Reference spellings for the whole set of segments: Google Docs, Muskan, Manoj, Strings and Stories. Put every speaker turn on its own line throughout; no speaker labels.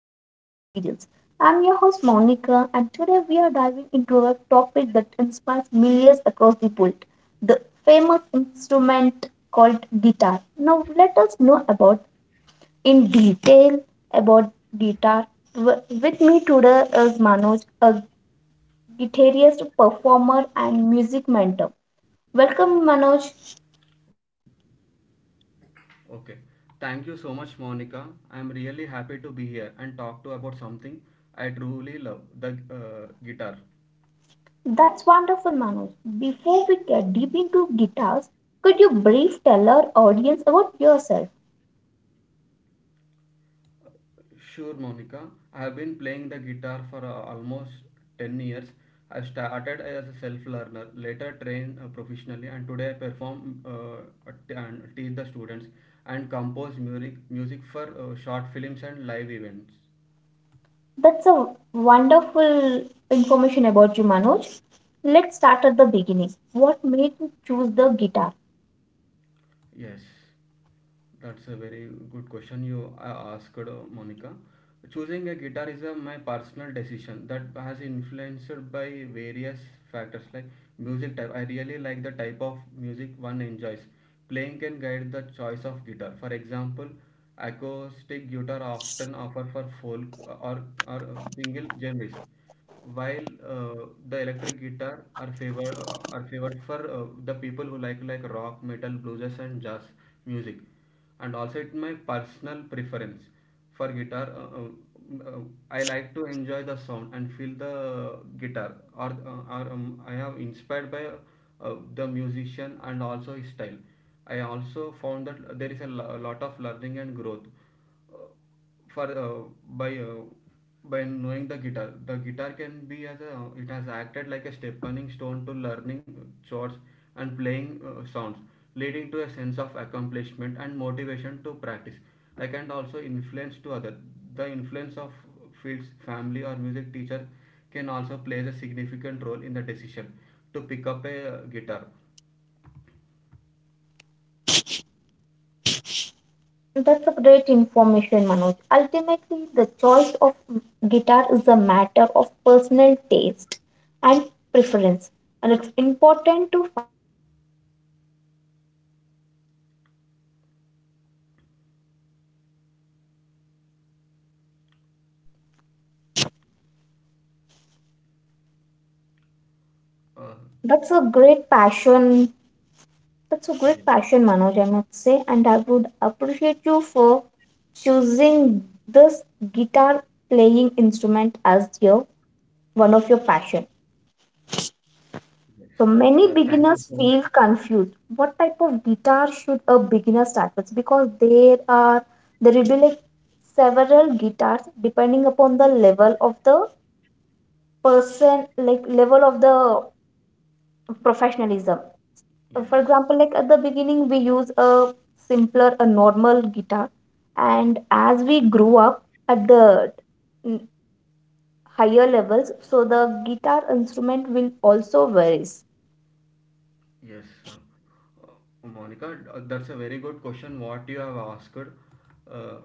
real experience. I'm your host Monica, and today we are diving into a topic that inspires millions across the world, the famous instrument called guitar. Now, let us know about in detail about guitar. With me today is Manoj, a guitarist, performer, and music mentor. Welcome, Manoj.
Okay. Thank you so much, Monica. I'm really happy to be here and talk to about something I truly love, the guitar.
That's wonderful, Manoj. Before we get deep into guitars, could you brief tell our audience about yourself?
Sure, Monica. I have been playing the guitar for almost 10 years. I started as a self-learner, later trained professionally, and today I perform and teach the students and compose music for short films and live events.
That's a wonderful information about you, Manoj. Let's start at the beginning. What made you choose the guitar?
Yes, that's a very good question you asked, Monica. Choosing a guitar is a, my personal decision that has influenced by various factors like music type. I really like the type of music one enjoys. Playing can guide the choice of guitar. For example, acoustic guitar often offer for folk or single genres while the electric guitar are favor are favored for the people who like rock, metal, blues, and jazz music, and also it's my personal preference for guitar. Uh, I like to enjoy the sound and feel the guitar, or I am inspired by the musician and also his style. I also found that there is a lot of learning and growth uh, for by uh, by knowing the guitar. Can be as a it has acted like a stepping stone to learning chords and playing sounds, leading to a sense of accomplishment and motivation to practice. I can also influence to other, the influence of fields, family or music teacher can also plays a significant role in the decision to pick up a guitar.
That's a great information, Manoj. Ultimately, the choice of guitar is a matter of personal taste and preference. And it's important to find a guitar that resonates with you and always allows you to express your musical creativity.
uh,
That's a great passion. That's a great
yes.
passion, Manoj, I must say. And I would appreciate you for choosing this guitar playing instrument as your one of your passion.
Yes,
So
thank you
many
so much.
beginners feel confused. What type of guitar should a beginner start with? Because there will be like several guitars depending upon the level of the person, like level of the professionalism.
Yes.
For example, like at the beginning we use a simpler, a normal guitar, and as we grow up at the mm, higher levels, so the guitar instrument will also varies.
Yes, Monica, that's a very good question. What you have asked. Uh,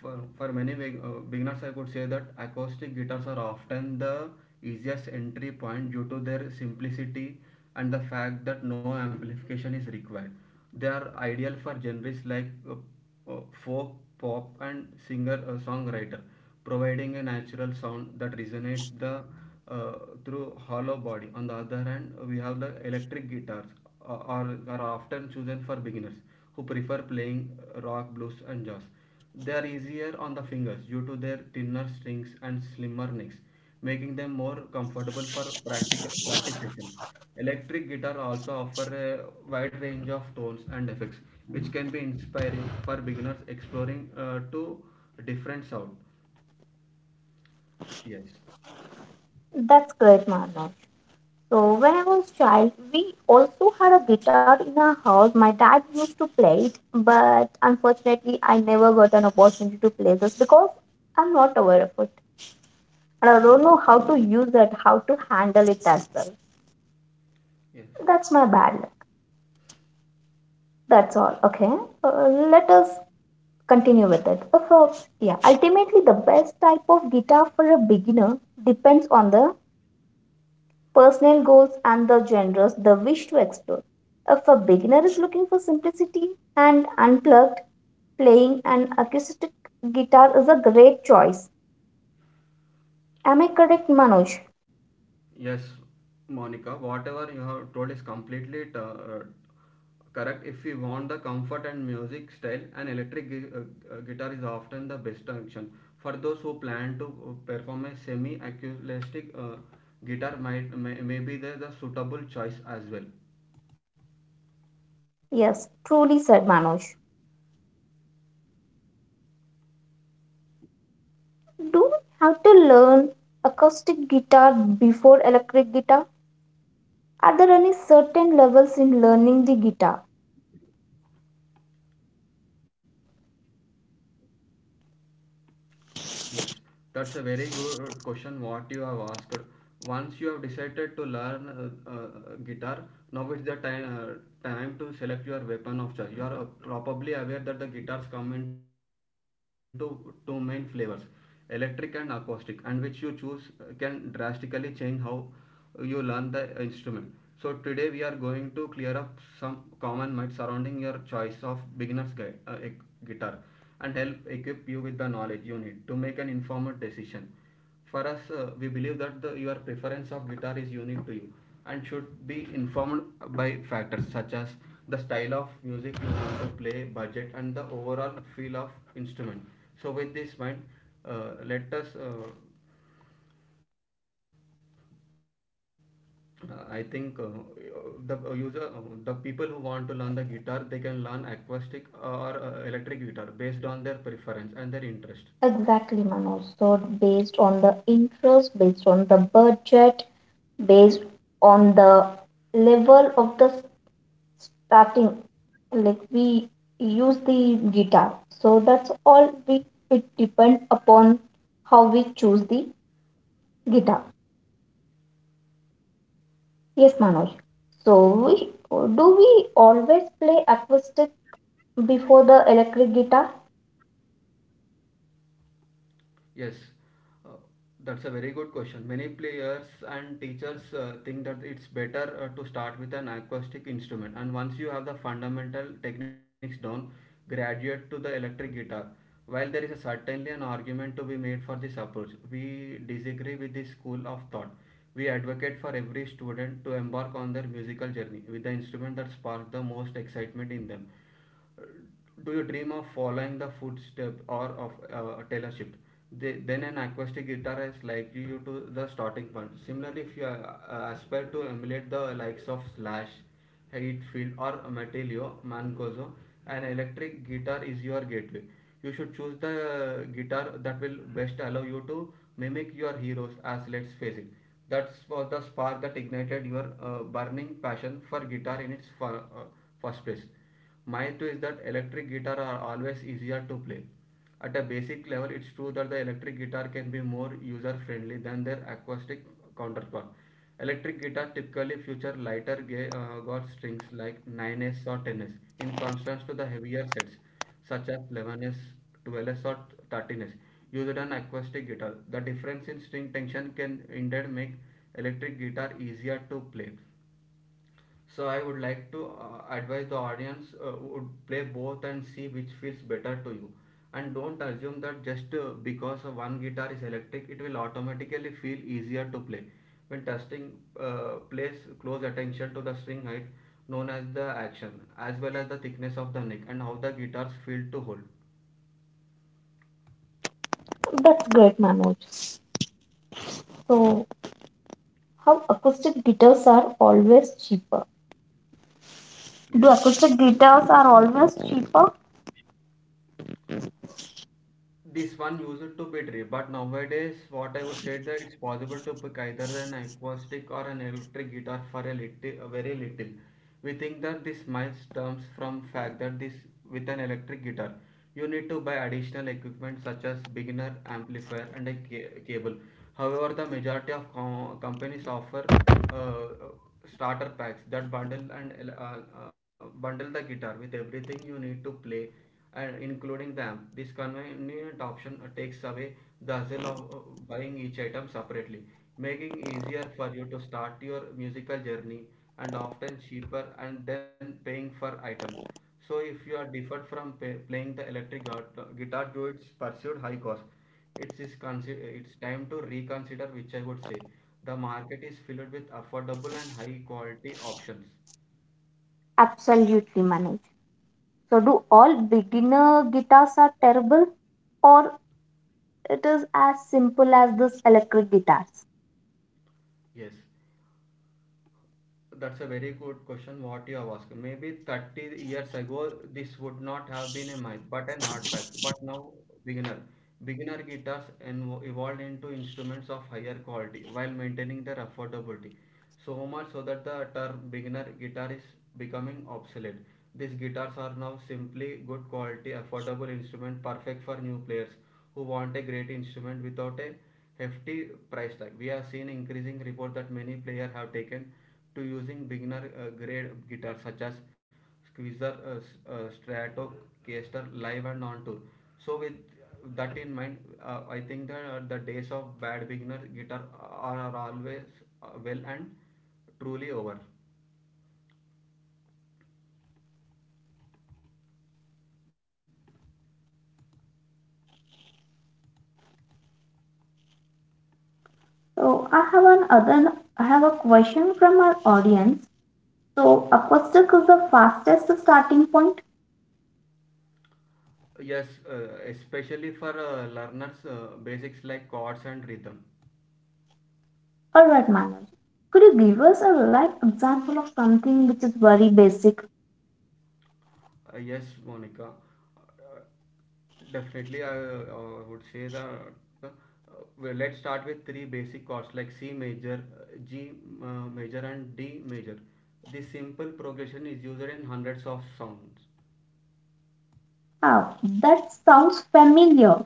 for many beginners, I could say that acoustic guitars are often the easiest entry point due to their simplicity and the fact that no amplification is required. They are ideal for genres like folk, pop, and singer songwriter, providing a natural sound that resonates the uh, through hollow body. On the other hand, we have the electric guitars, are often chosen for beginners who prefer playing rock, blues, and jazz. They are easier on the fingers due to their thinner strings and slimmer necks, making them more comfortable for practical practice session. Electric guitar also offer a wide range of tones and effects, which can be inspiring for beginners exploring to different sound. Yes,
That's correct, Manav. So when I was child, we also had a guitar in our house. My dad used to play it, but unfortunately, I never got an opportunity to play this because I'm not aware of it, and I don't know how to use it, how to handle it as well.
yes.
That's my bad luck. That's all. Okay, uh, let us continue with it. So yeah, ultimately, the best type of guitar for a beginner depends on the personal goals and the genres they wish to explore. If a beginner is looking for simplicity and unplugged, playing an acoustic guitar is a great choice. Am I correct, Manoj?
Yes, Monica, whatever you have told is completely correct. If we want the comfort and music style, an guitar is often the best option. For those who plan to perform a semi acoustic guitar, might may be the suitable choice as well.
Yes, truly said Manoj. Do we have to learn acoustic guitar before electric guitar? Are there any certain levels in learning the guitar?
Yes, that's a very good question what you have asked. Once you have decided to learn guitar, now is the time time to select your weapon of choice. You are probably aware that the guitars come into two main flavors, electric and acoustic, and which you choose can drastically change how you learn the instrument. So today we are going to clear up some common myths surrounding your choice of guitar and help equip you with the knowledge you need to make an informed decision. For us, we believe that your preference of guitar is unique to you and should be informed by factors such as the style of music you want to play, budget, and the overall feel of instrument. So, with this mind, let us. I think the uh, user, uh, the people who want to learn the guitar, they can learn acoustic or electric guitar based on their preference and their interest.
Exactly, Manoj. So, based on the interest, based on the budget, based on the level of the starting, like we use the guitar, so that's all, we, it depend upon how we choose the guitar, yes Manoj. So we, do we always play acoustic before the electric guitar?
Yes, uh, that's a very good question. Many players and teachers think that it's better to start with an acoustic instrument, and once you have the fundamental techniques down, graduate to the electric guitar. While there is a certainly an argument to be made for this approach, we disagree with this school of thought. We advocate for every student to embark on their musical journey with the instrument that sparks the most excitement in them. Do you dream of following the footstep or of a Taylor Swift? They, then an acoustic guitar is likely you to the starting point. Similarly, if you aspire to emulate the likes of Slash, Heatfield, or Metalio Mancoso, an electric guitar is your gateway. You should choose the guitar that will best allow you to mimic your heroes. As let's face it, that's was the spark that ignited your burning passion for guitar in its first place. Mine two is that electric guitar are always easier to play. At a basic level, it's true that the electric guitar can be more user friendly than their acoustic counterpart. Electric guitar typically feature lighter gauge strings like 9s or 10s, in contrast to the heavier sets such as 11s, 12s or 13s used on acoustic guitar. The difference in string tension can indeed make electric guitar easier to play, so I would like to advise the audience would play both and see which feels better to you. And don't assume that just because one guitar is electric, it will automatically feel easier to play. When testing, place close attention to the string height, known as the action, as well as the thickness of the neck and how the guitars feel to hold.
That's great, Manoj. So how acoustic guitars are always cheaper, do
Yes.
acoustic guitars are always cheaper?
This one used to be tree, but nowadays what I would say that it's possible to pick either an acoustic or an electric guitar for a little, very little. We think that this might stems from fact that this with an electric guitar, you need to buy additional equipment such as beginner amplifier and a cable. However, the majority of companies offer uh, starter packs that bundle the guitar with everything you need to play and including them. This convenient option takes away the hassle of buying each item separately, making easier for you to start your musical journey and often cheaper and then paying for items. So if you are deferred from pay, playing the guitar to its pursued high cost, it's time to reconsider which I would say. The market is filled with affordable and high quality options.
Absolutely, Manoj. So do all beginner guitars are terrible, or it is as simple as this electric guitars.
Yes. That's a very good question what you have asked. Maybe 30 years ago, this would not have been a myth, but an hard fact. But now, beginner. Evolved into instruments of higher quality while maintaining their affordability. So much so that the term beginner guitar is becoming obsolete. These guitars are now simply good quality, affordable instrument perfect for new players who want a great instrument without a hefty price tag. We have seen increasing report that many players have taken to using beginner
So it
grade
is
guitars such
perfect
as
for new
Squeezer,
players who want a great
Strato,
instrument
Caster,
without
Live
a
and on tour.
hefty price
So with
tag.
that
Wow,
in
that's
mind,
a
I
wonderful
think that the
information
days of
about the
bad beginner
guitars, Manoj.
are always well and truly over.
So I have an other, I have a question from our audience. So acoustic is the fastest starting point,
Yes, especially for learners, basics like chords and rhythm.
all right, Manoj? Could you give us a live example of something which is very basic?
Yes, Monica. Uh, Definitely, I would say that uh, well, let's start with three basic chords like C major, G uh, major, and D major. This simple progression is used in hundreds of sounds.
Ah, that sounds familiar.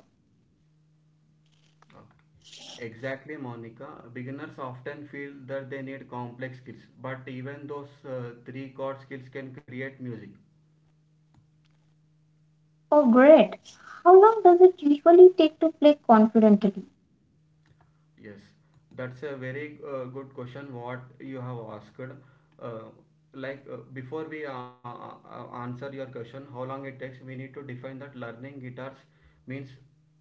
Okay. Exactly, Monica. Beginners often feel that they need complex skills, but even those three chord skills can create music.
Oh, great. How long does it usually take to play confidently?
Yes, that's a very good question. What you have asked, uh, before we answer your question, how long it takes, we need to define that learning guitars means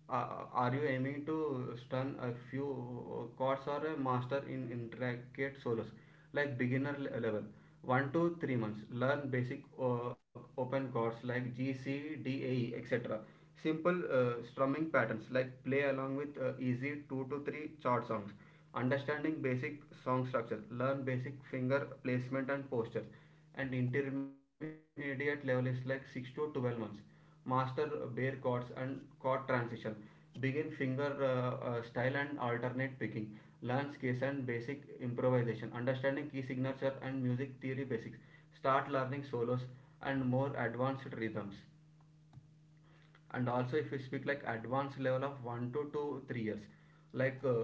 are you aiming to stun a few chords or a master in intricate solos, like beginner level? 1 to 3 months. Learn basic open chords like G, C, D, A, E, etc. Simple strumming patterns like play along with easy 2 to 3 chart songs. Understanding basic song structure. Learn basic finger placement and postures. And intermediate level is like 6 to 12 months. Master bare chords and chord transition. Begin finger style and alternate picking. Learn scales and basic improvisation. Understanding key signature and music theory basics. Start learning solos and more advanced rhythms. And also if you speak like advanced level of 1 to 2 3 years, like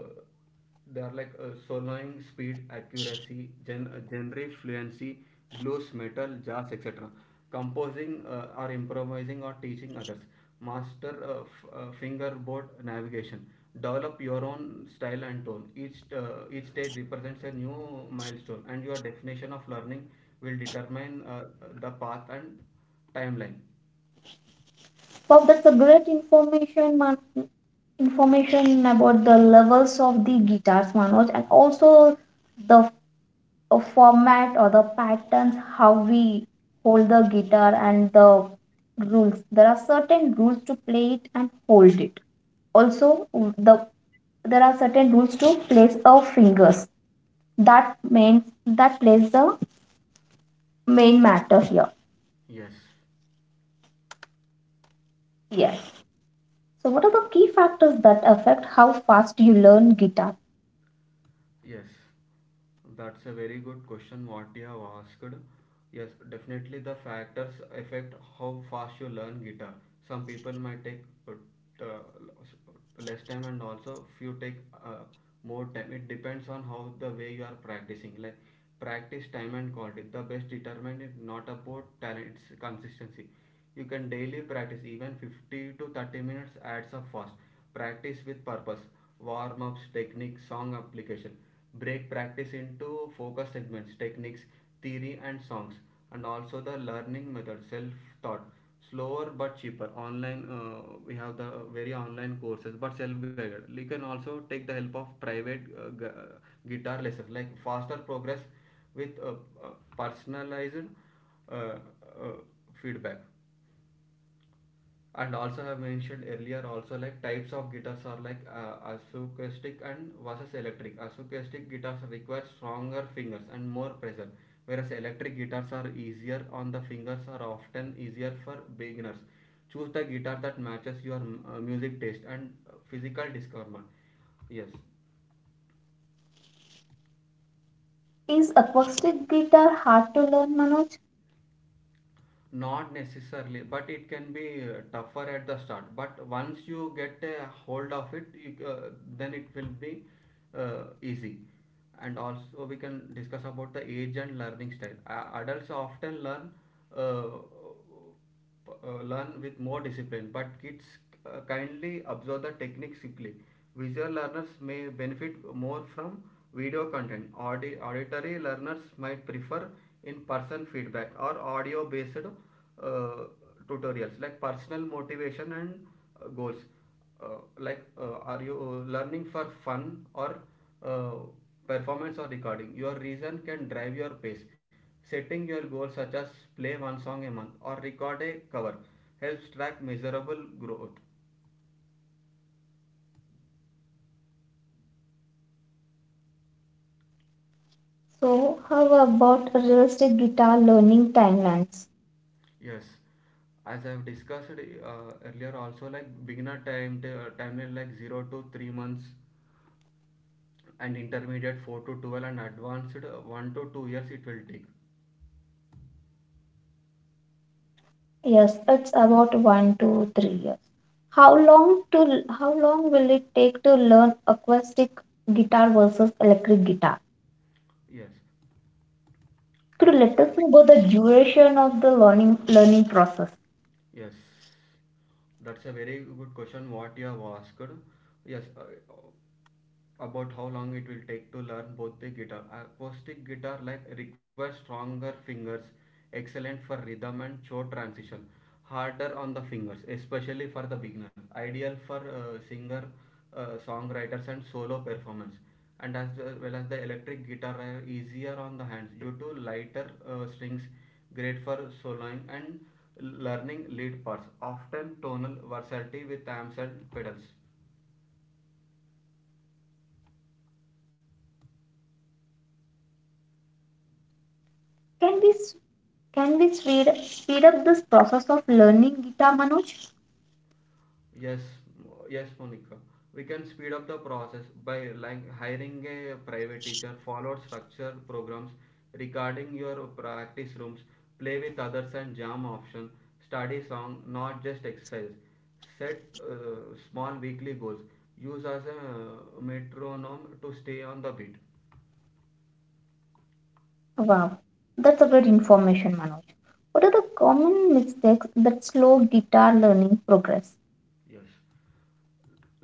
they are like soloing, speed, accuracy, genre fluency, blues, metal, jazz, etc. Composing or improvising or teaching others. Master fingerboard navigation. Develop your own style and tone. Each stage represents a new milestone, and your definition of learning will determine the path and timeline.
Wow, that's a great information, man. Information about the levels of the guitars, Manoj, and also the format or the patterns, how we hold the guitar and the rules. There are certain rules to play it and hold it. Also, there are certain rules to place our fingers. That means that plays the main matter here.
Yes.
Yes. So, what are the key factors that affect how fast you learn guitar?
Yes, that's a very good question what you have asked. Yes, definitely the factors affect how fast you learn guitar. Some people might take less time, and also few take uh, more time. It depends on how the way you are practicing. Like practice time and quality. The best determinant is not about talent, it's consistency. You can daily practice even 50 to 30 minutes adds up fast. Practice with purpose: warm ups, technique, song application. Break practice into focus segments: techniques, theory, and songs. And also the learning method: self-taught, slower but cheaper. Online, we have the very online courses, but self-guided. You can also take the help of private guitar lessons, like faster progress with uh, personalized uh, uh, feedback. And also, I have mentioned earlier also like types of guitars are like acoustic and versus electric. Acoustic guitars require stronger fingers and more pressure, whereas electric guitars are easier on the fingers, are often easier for beginners. Choose the guitar that matches your music taste and physical discomfort. Yes.
Is acoustic guitar hard to learn, Manoj?
Not necessarily, but it can be tougher at the start. But once you get a hold of it, you, then it will be easy. And also, we can discuss about the age and learning style. A adults often learn uh, learn with more discipline, but kids kindly observe the technique quickly. Visual learners may benefit more from video content. Auditory learners might prefer in-person feedback or audio-based tutorials, like personal motivation and goals. Like are you learning for fun or uh, performance or recording? Your reason can drive your pace. Setting your goals such as play one song a month or record a cover helps track measurable growth.
So, how about realistic guitar learning timelines?
Yes, as I've discussed earlier also, like beginner timeline like 0 to 3 months, and intermediate 4 to 12, and advanced 1 to 2 years it will take.
Yes, it's about 1 to 3 years. How long will it take to learn acoustic guitar versus electric guitar?
Yes.
Could you let us know
Acquiring.
about the duration of the learning process?
Yes, that's a very good question what you have asked. Yes, about how long it will take to learn both the guitar. Acoustic guitar like requires stronger fingers, excellent for rhythm and chord transition, harder on the fingers, especially for the beginner. Ideal for singer, songwriters and solo performance. And as well as the electric guitar, are easier on the hands due to lighter strings, great for soloing and learning lead parts. Often tonal versatility with amps and pedals.
Can we s- can we speed up this process of learning guitar, Manoj?
Yes, Monica. We can speed up the process by like hiring a private teacher, follow structured programs regarding your practice rooms, play with others and jam option, study song, not just exercise. Set small weekly goals. Use as a metronome to stay on the beat.
Wow, that's a great information, Manoj. What are the common mistakes that slow guitar learning progress?
Yes.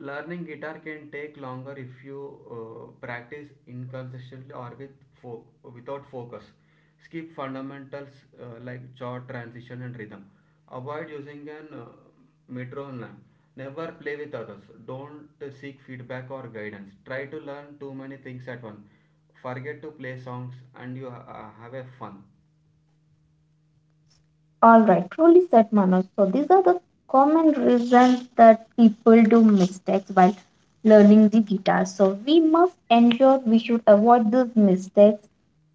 Learning guitar can take longer if you practice inconsistently or with fo- without focus. Skip fundamentals like chord transition and rhythm. Avoid using an metronome. Never play with others. Don't seek feedback or guidance. Try to learn too many things at once. Forget to play songs and you have a fun.
All right, truly said Manoj. So these are the common reasons that people do mistakes while learning the guitar. So we must ensure we should avoid these mistakes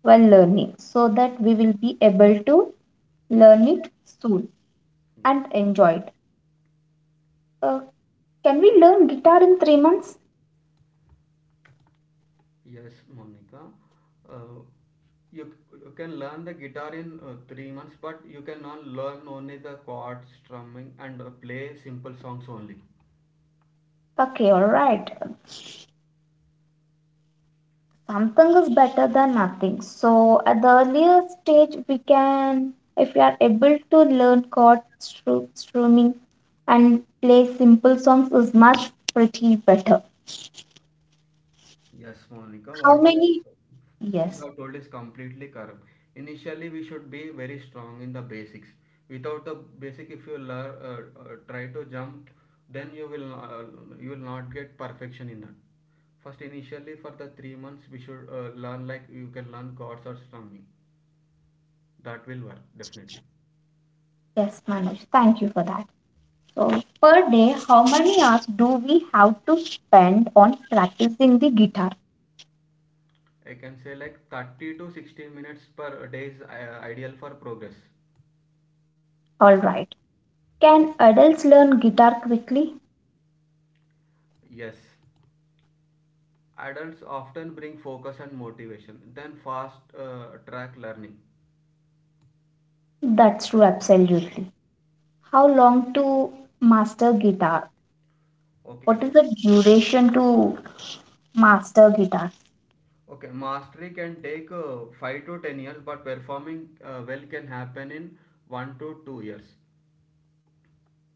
while learning so that we will be able to learn it soon
Yeah.
and enjoy it. Uh, can we learn guitar in 3 months?
Yes, Monica. Uh, you, you can learn the guitar in 3 months, but you can not learn only the chords, strumming, and play simple songs only.
Okay, all right. Something is better than nothing. So at the earlier stage, we can, if we are able to learn chord strumming and play simple songs, is much pretty better.
Yes, Monica.
How
Whatever
many?
you
Yes,
have told is completely correct. Initially, we should be very strong in the basics. Without the basic, if you learn, try to jump, then you will not get perfection in that. First, initially for the 3 months, we should learn like you can learn chords or strumming. That will work definitely.
yes, Manoj. Thank you for that. So per day, how many hours do we have to spend on practicing the guitar?
I can say like 30 to 60 minutes per day is ideal for progress.
All right. Can adults learn guitar quickly?
Yes, adults often bring focus and motivation then fast track learning.
That's true, absolutely. How long to master guitar?
Okay.
What is the duration to master guitar?
Okay, mastery can take 5 to 10 years, but performing well can happen in 1 to 2 years.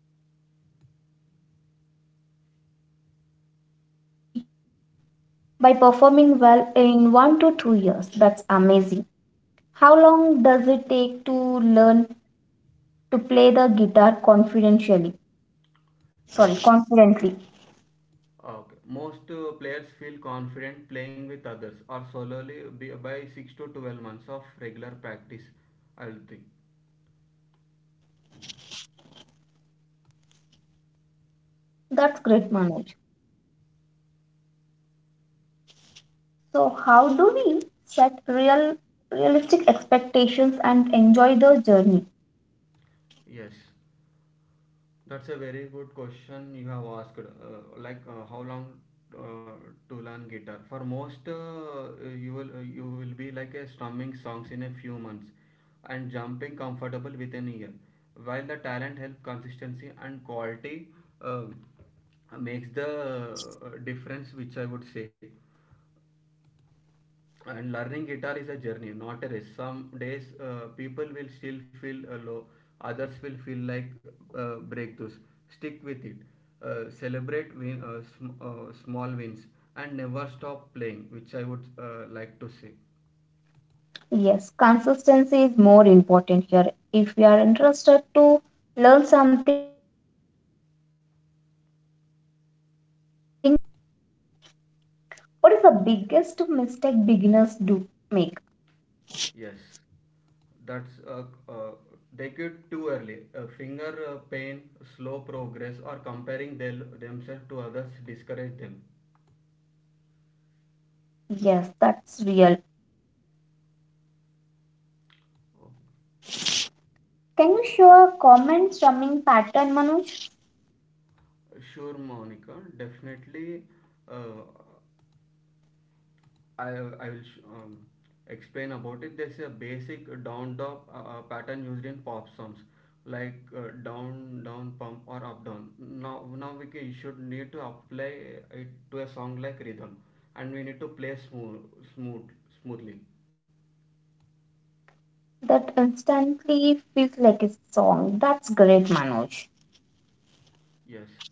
Wow, that's great to hear, Manoj. So we can master the guitar by performing well in 1 to 2 years. That's amazing. How long does it take to learn to play the guitar confidentially? Sorry,
Yes.
confidently.
Okay, most players feel confident playing with others or solely by 6 to 12 months of regular practice, I will think.
That's great, Manoj. So how do we set realistic expectations and enjoy the journey?
Yes. That's a very good question you have asked. Like how long uh, to learn guitar? For most, you will be like a strumming songs in a few months, and jumping comfortable within a year. While the talent help consistency and quality uh, makes the difference, which I would say. And learning guitar is a journey, not a race. Some days people will still feel low, others will feel like breakthroughs. Stick with it. Celebrate small wins, and never stop playing, which I would like to say.
Yes, consistency is more important here. If we are interested to learn something, then we should be focused on it. What is the biggest mistake beginners do make?
Yes, that's uh, they quit too early. Finger pain, slow progress, or comparing thel themselves to others discourage them.
Yes, that's real. Can you show a common strumming pattern, Manoj?
Sure, Monica. Definitely, uh, I, I will explain about it. There's a basic down drop pattern used in pop songs like down down pump or up down. Now we should need to apply it to a song like rhythm, and we need to play smooth smoothly.
That instantly feels like a song. That's great, Manoj.
Yes.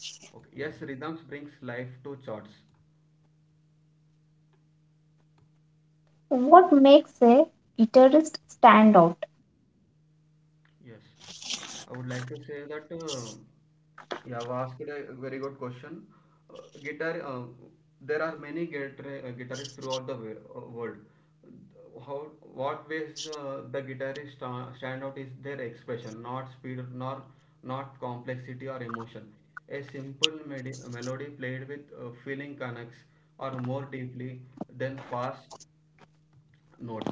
Okay. Yes, rhythms brings life to charts.
What makes a guitarist stand out?
Yes, I would like to say that you have asked a very good question. Guitar, there are many guitar, guitarists throughout the world. How, what ways the guitarists stand out is their expression, not speed, nor not complexity or emotion. A simple melody played with feeling connects or more deeply than fast notes.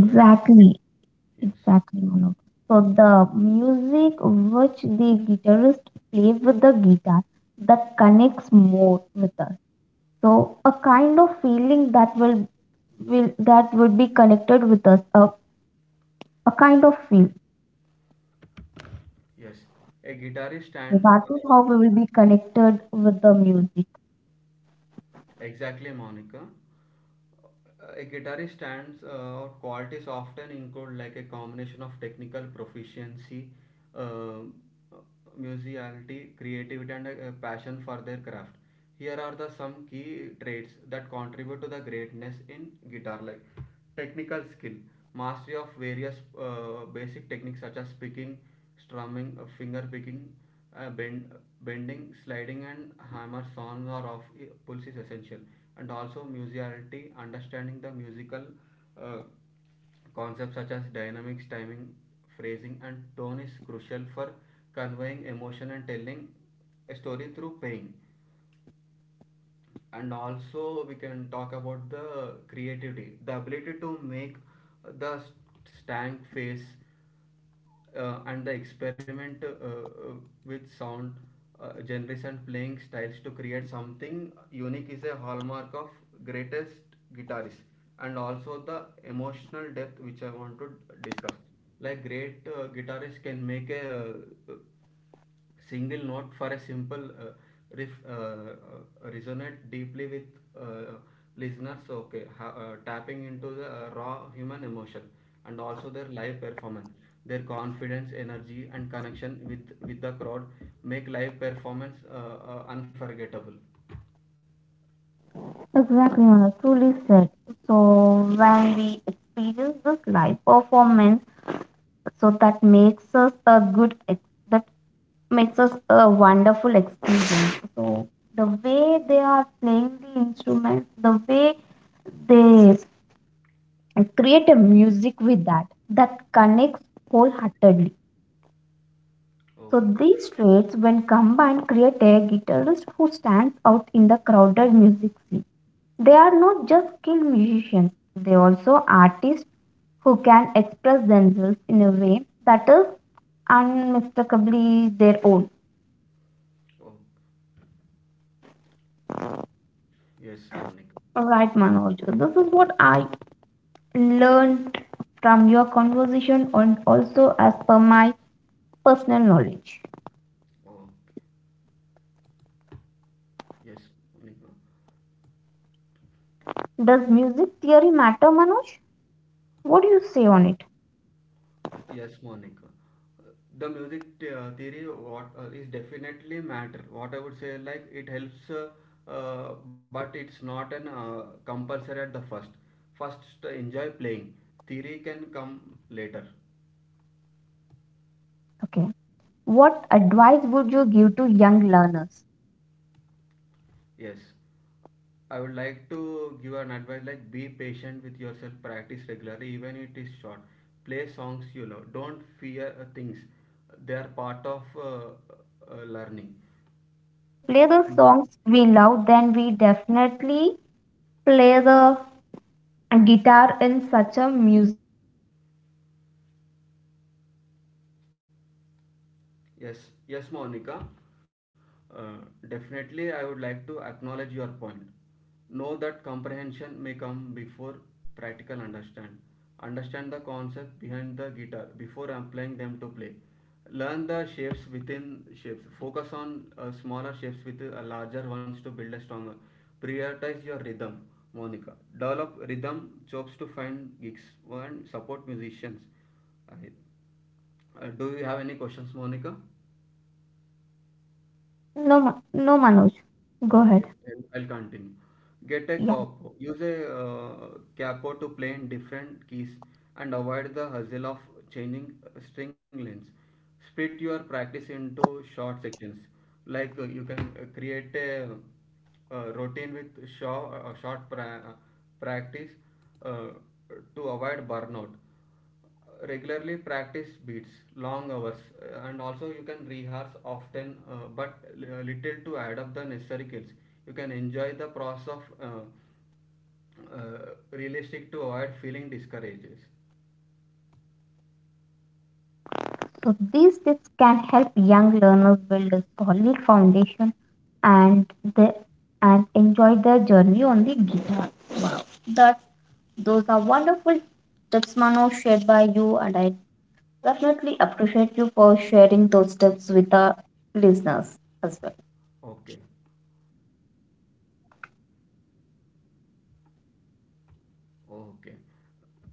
Like yes.
Exactly, Manu. So the music which the guitarist play with the guitar that connects more with us. So a kind of feeling that will that would be connected with us. A kind of feel.
Yes, a guitarist
So
stands
that is how we will be connected with the music.
exactly, Monica. A guitarist stands out qualities often include like a combination of technical proficiency, uh, musicality, creativity, and a passion for their craft. Here are the some key traits that contribute to the greatness in guitar, like technical skill, mastery of various basic techniques such as picking, strumming, finger picking, uh, bend, Bending, sliding, and hammer songs are of pulse is essential, and also musicality. Understanding the musical uh, concepts such as dynamics, timing, phrasing, and tone is crucial for conveying emotion and telling a story through playing. And also, we can talk about the creativity, the ability to make the stank face and the experiment with sound genres and playing styles to create something unique is a hallmark of greatest guitarists. And also the emotional depth, which I want to discuss. Like great guitarists can make a uh, single note for a simple riff resonate deeply with uh, listeners. Okay, tapping into the raw human emotion. And also their live performance, their confidence, energy and connection with the crowd make live performance unforgettable.
Exactly, Manu. Truly said. So when we experience this live performance, so that makes us a good ex- that makes us a wonderful experience. So the way they are playing the instruments, the way they create a music with that, that connects wholeheartedly. So
Okay.
these traits, when combined, create a guitarist who stands out in the crowded music scene. They are not just skilled musicians; they also artists who can express themselves in a way that is unmistakably their own.
Oh, yes, Monica.
Right, Manoj. So this is what I learned from your conversation and also as per my personal knowledge.
Oh, yes, Monica.
Does music theory matter, Manoj? What do you say on it?
Yes, Monica. Uh, The theory what is definitely matter. What I would say, like it helps, but it's not an compulsory at the first. First, to enjoy playing. Theory can come later.
Okay. What advice would you give to young learners?
Yes, I would like to give an advice like be patient with yourself. Practice regularly, even it is short. Play songs you love. Don't fear things. They are part of learning.
Exactly. If we play the
And
songs we love, then we definitely play the guitar in such a music tone. And
yes,
also, we
yes,
love the
Monica.
way. Yes,
Uh,
Manoj.
Definitely, I would like to acknowledge your point. Know that comprehension may come before practical understand. Understand the concept behind the guitar before applying them to play. Learn the shapes within shapes. Focus on smaller shapes with larger ones to build a stronger. Prioritize your rhythm, Monica. Develop rhythm chops to find gigs and support musicians. I- do you have any questions, Monica?
No, Ma- no, Manoj. Go ahead.
Okay, then I'll continue. Get a
Yeah.
capo. Use a capo to play in different keys and avoid the hassle of changing string lengths. Split your practice into short sections, like you can create a, routine with short practice uh, to avoid burnout. Regularly practice beats long hours, and also you can rehearse often, but little to add up the necessary skills. You can enjoy the process of uh, realistic to avoid feeling discouraged.
So these tips can help young learners build a solid foundation and they and enjoy their journey on the guitar. Wow. That those are wonderful tips Mano shared by you, and I definitely appreciate you for sharing those tips with the listeners as well.
Okay. Okay.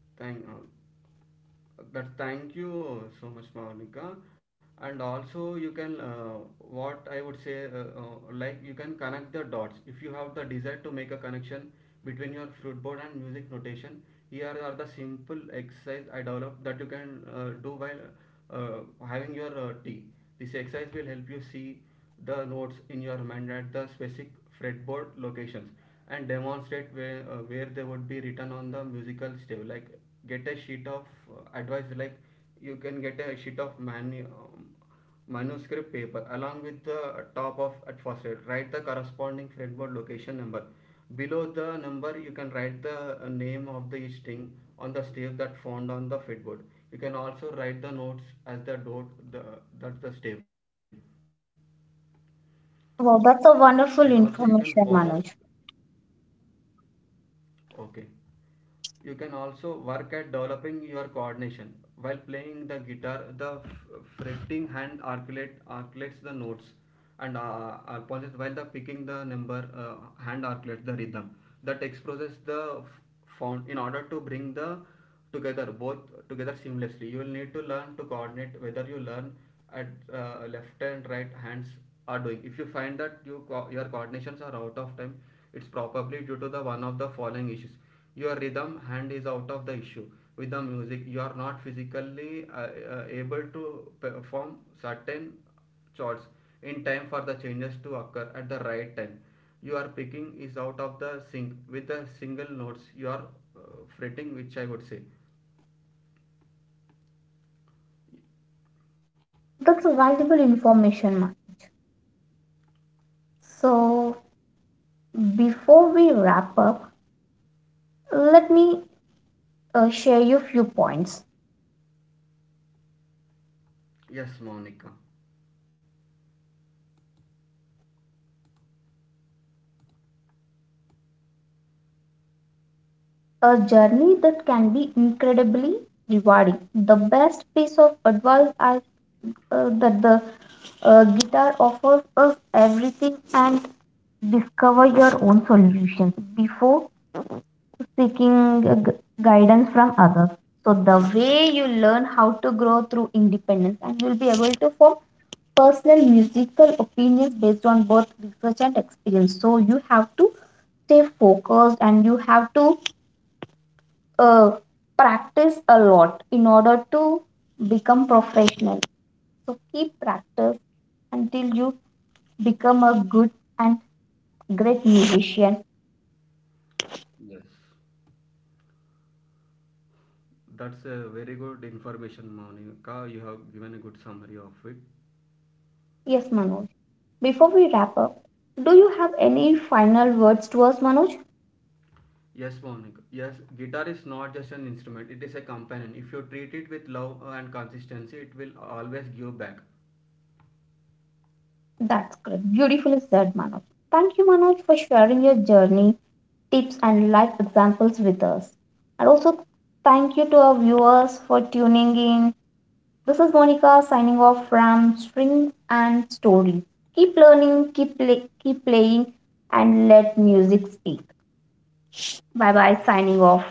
Thank you so much, Monica. And also you can what I would say like you can connect the dots. If you have the desire to make a connection between your fruitboard and music notation, here are the simple exercise I developed that you can do while having your tea. This exercise will help you see the notes in your mind at the specific fretboard locations and demonstrate where they would be written on the musical stave. Like get a sheet of advice, like you can get a sheet of manuscript paper along with the top of at first aid, write the corresponding fretboard location number. Below the number you can write the name of the string on the stave that found on the fretboard. You can also write the notes as the dot that the stave, and also
Wow,
you can
that's a
follow.
wonderful information, Manoj.
Okay. You can also work at developing your coordination. While playing the guitar, the fretting hand articulates the notes and apologise while the picking the number hand articulates the rhythm. The text process the found in order to bring the together both together seamlessly, you will need to learn to coordinate whether you learn at left and right hands are doing. If you find that your coordinations are out of time, it's probably due to the one of the following issues: your rhythm hand is out of the issue with the music, you are not physically able to perform certain chords in time for the changes to occur at the right time. Your picking is out of the sync with the single notes you are uh, fretting, which I would say.
That's a valuable information, Manoj. So before we wrap up, let me share you a few points.
Yes, Monica.
A journey that can be incredibly rewarding. The best piece of advice I that the guitar offers us everything and discover your own solutions before seeking guidance from others. So the way you learn how to grow through independence and you'll be able to form personal musical opinions based on both research and experience. So you have to stay focused and you have to uh, practice a lot in order to become professional. So keep practice until you become a good and great musician.
Yes. That's a very good information, Monica. You have given a good summary of it.
Yes, Manoj. Before we wrap up, do you have any final words to us, Manoj?
Yes, Monica. Yes, guitar is not just an instrument, it is a companion. If you treat it with love and consistency, it will always give back.
That's great. Beautifully said, Manoj. Thank you, Manoj, for sharing your journey, tips, and life examples with us. And also, thank you to our viewers for tuning in. This is Monica signing off from Strings and Stories. Keep learning, keep, play, keep playing, and let music speak. Bye bye, signing off.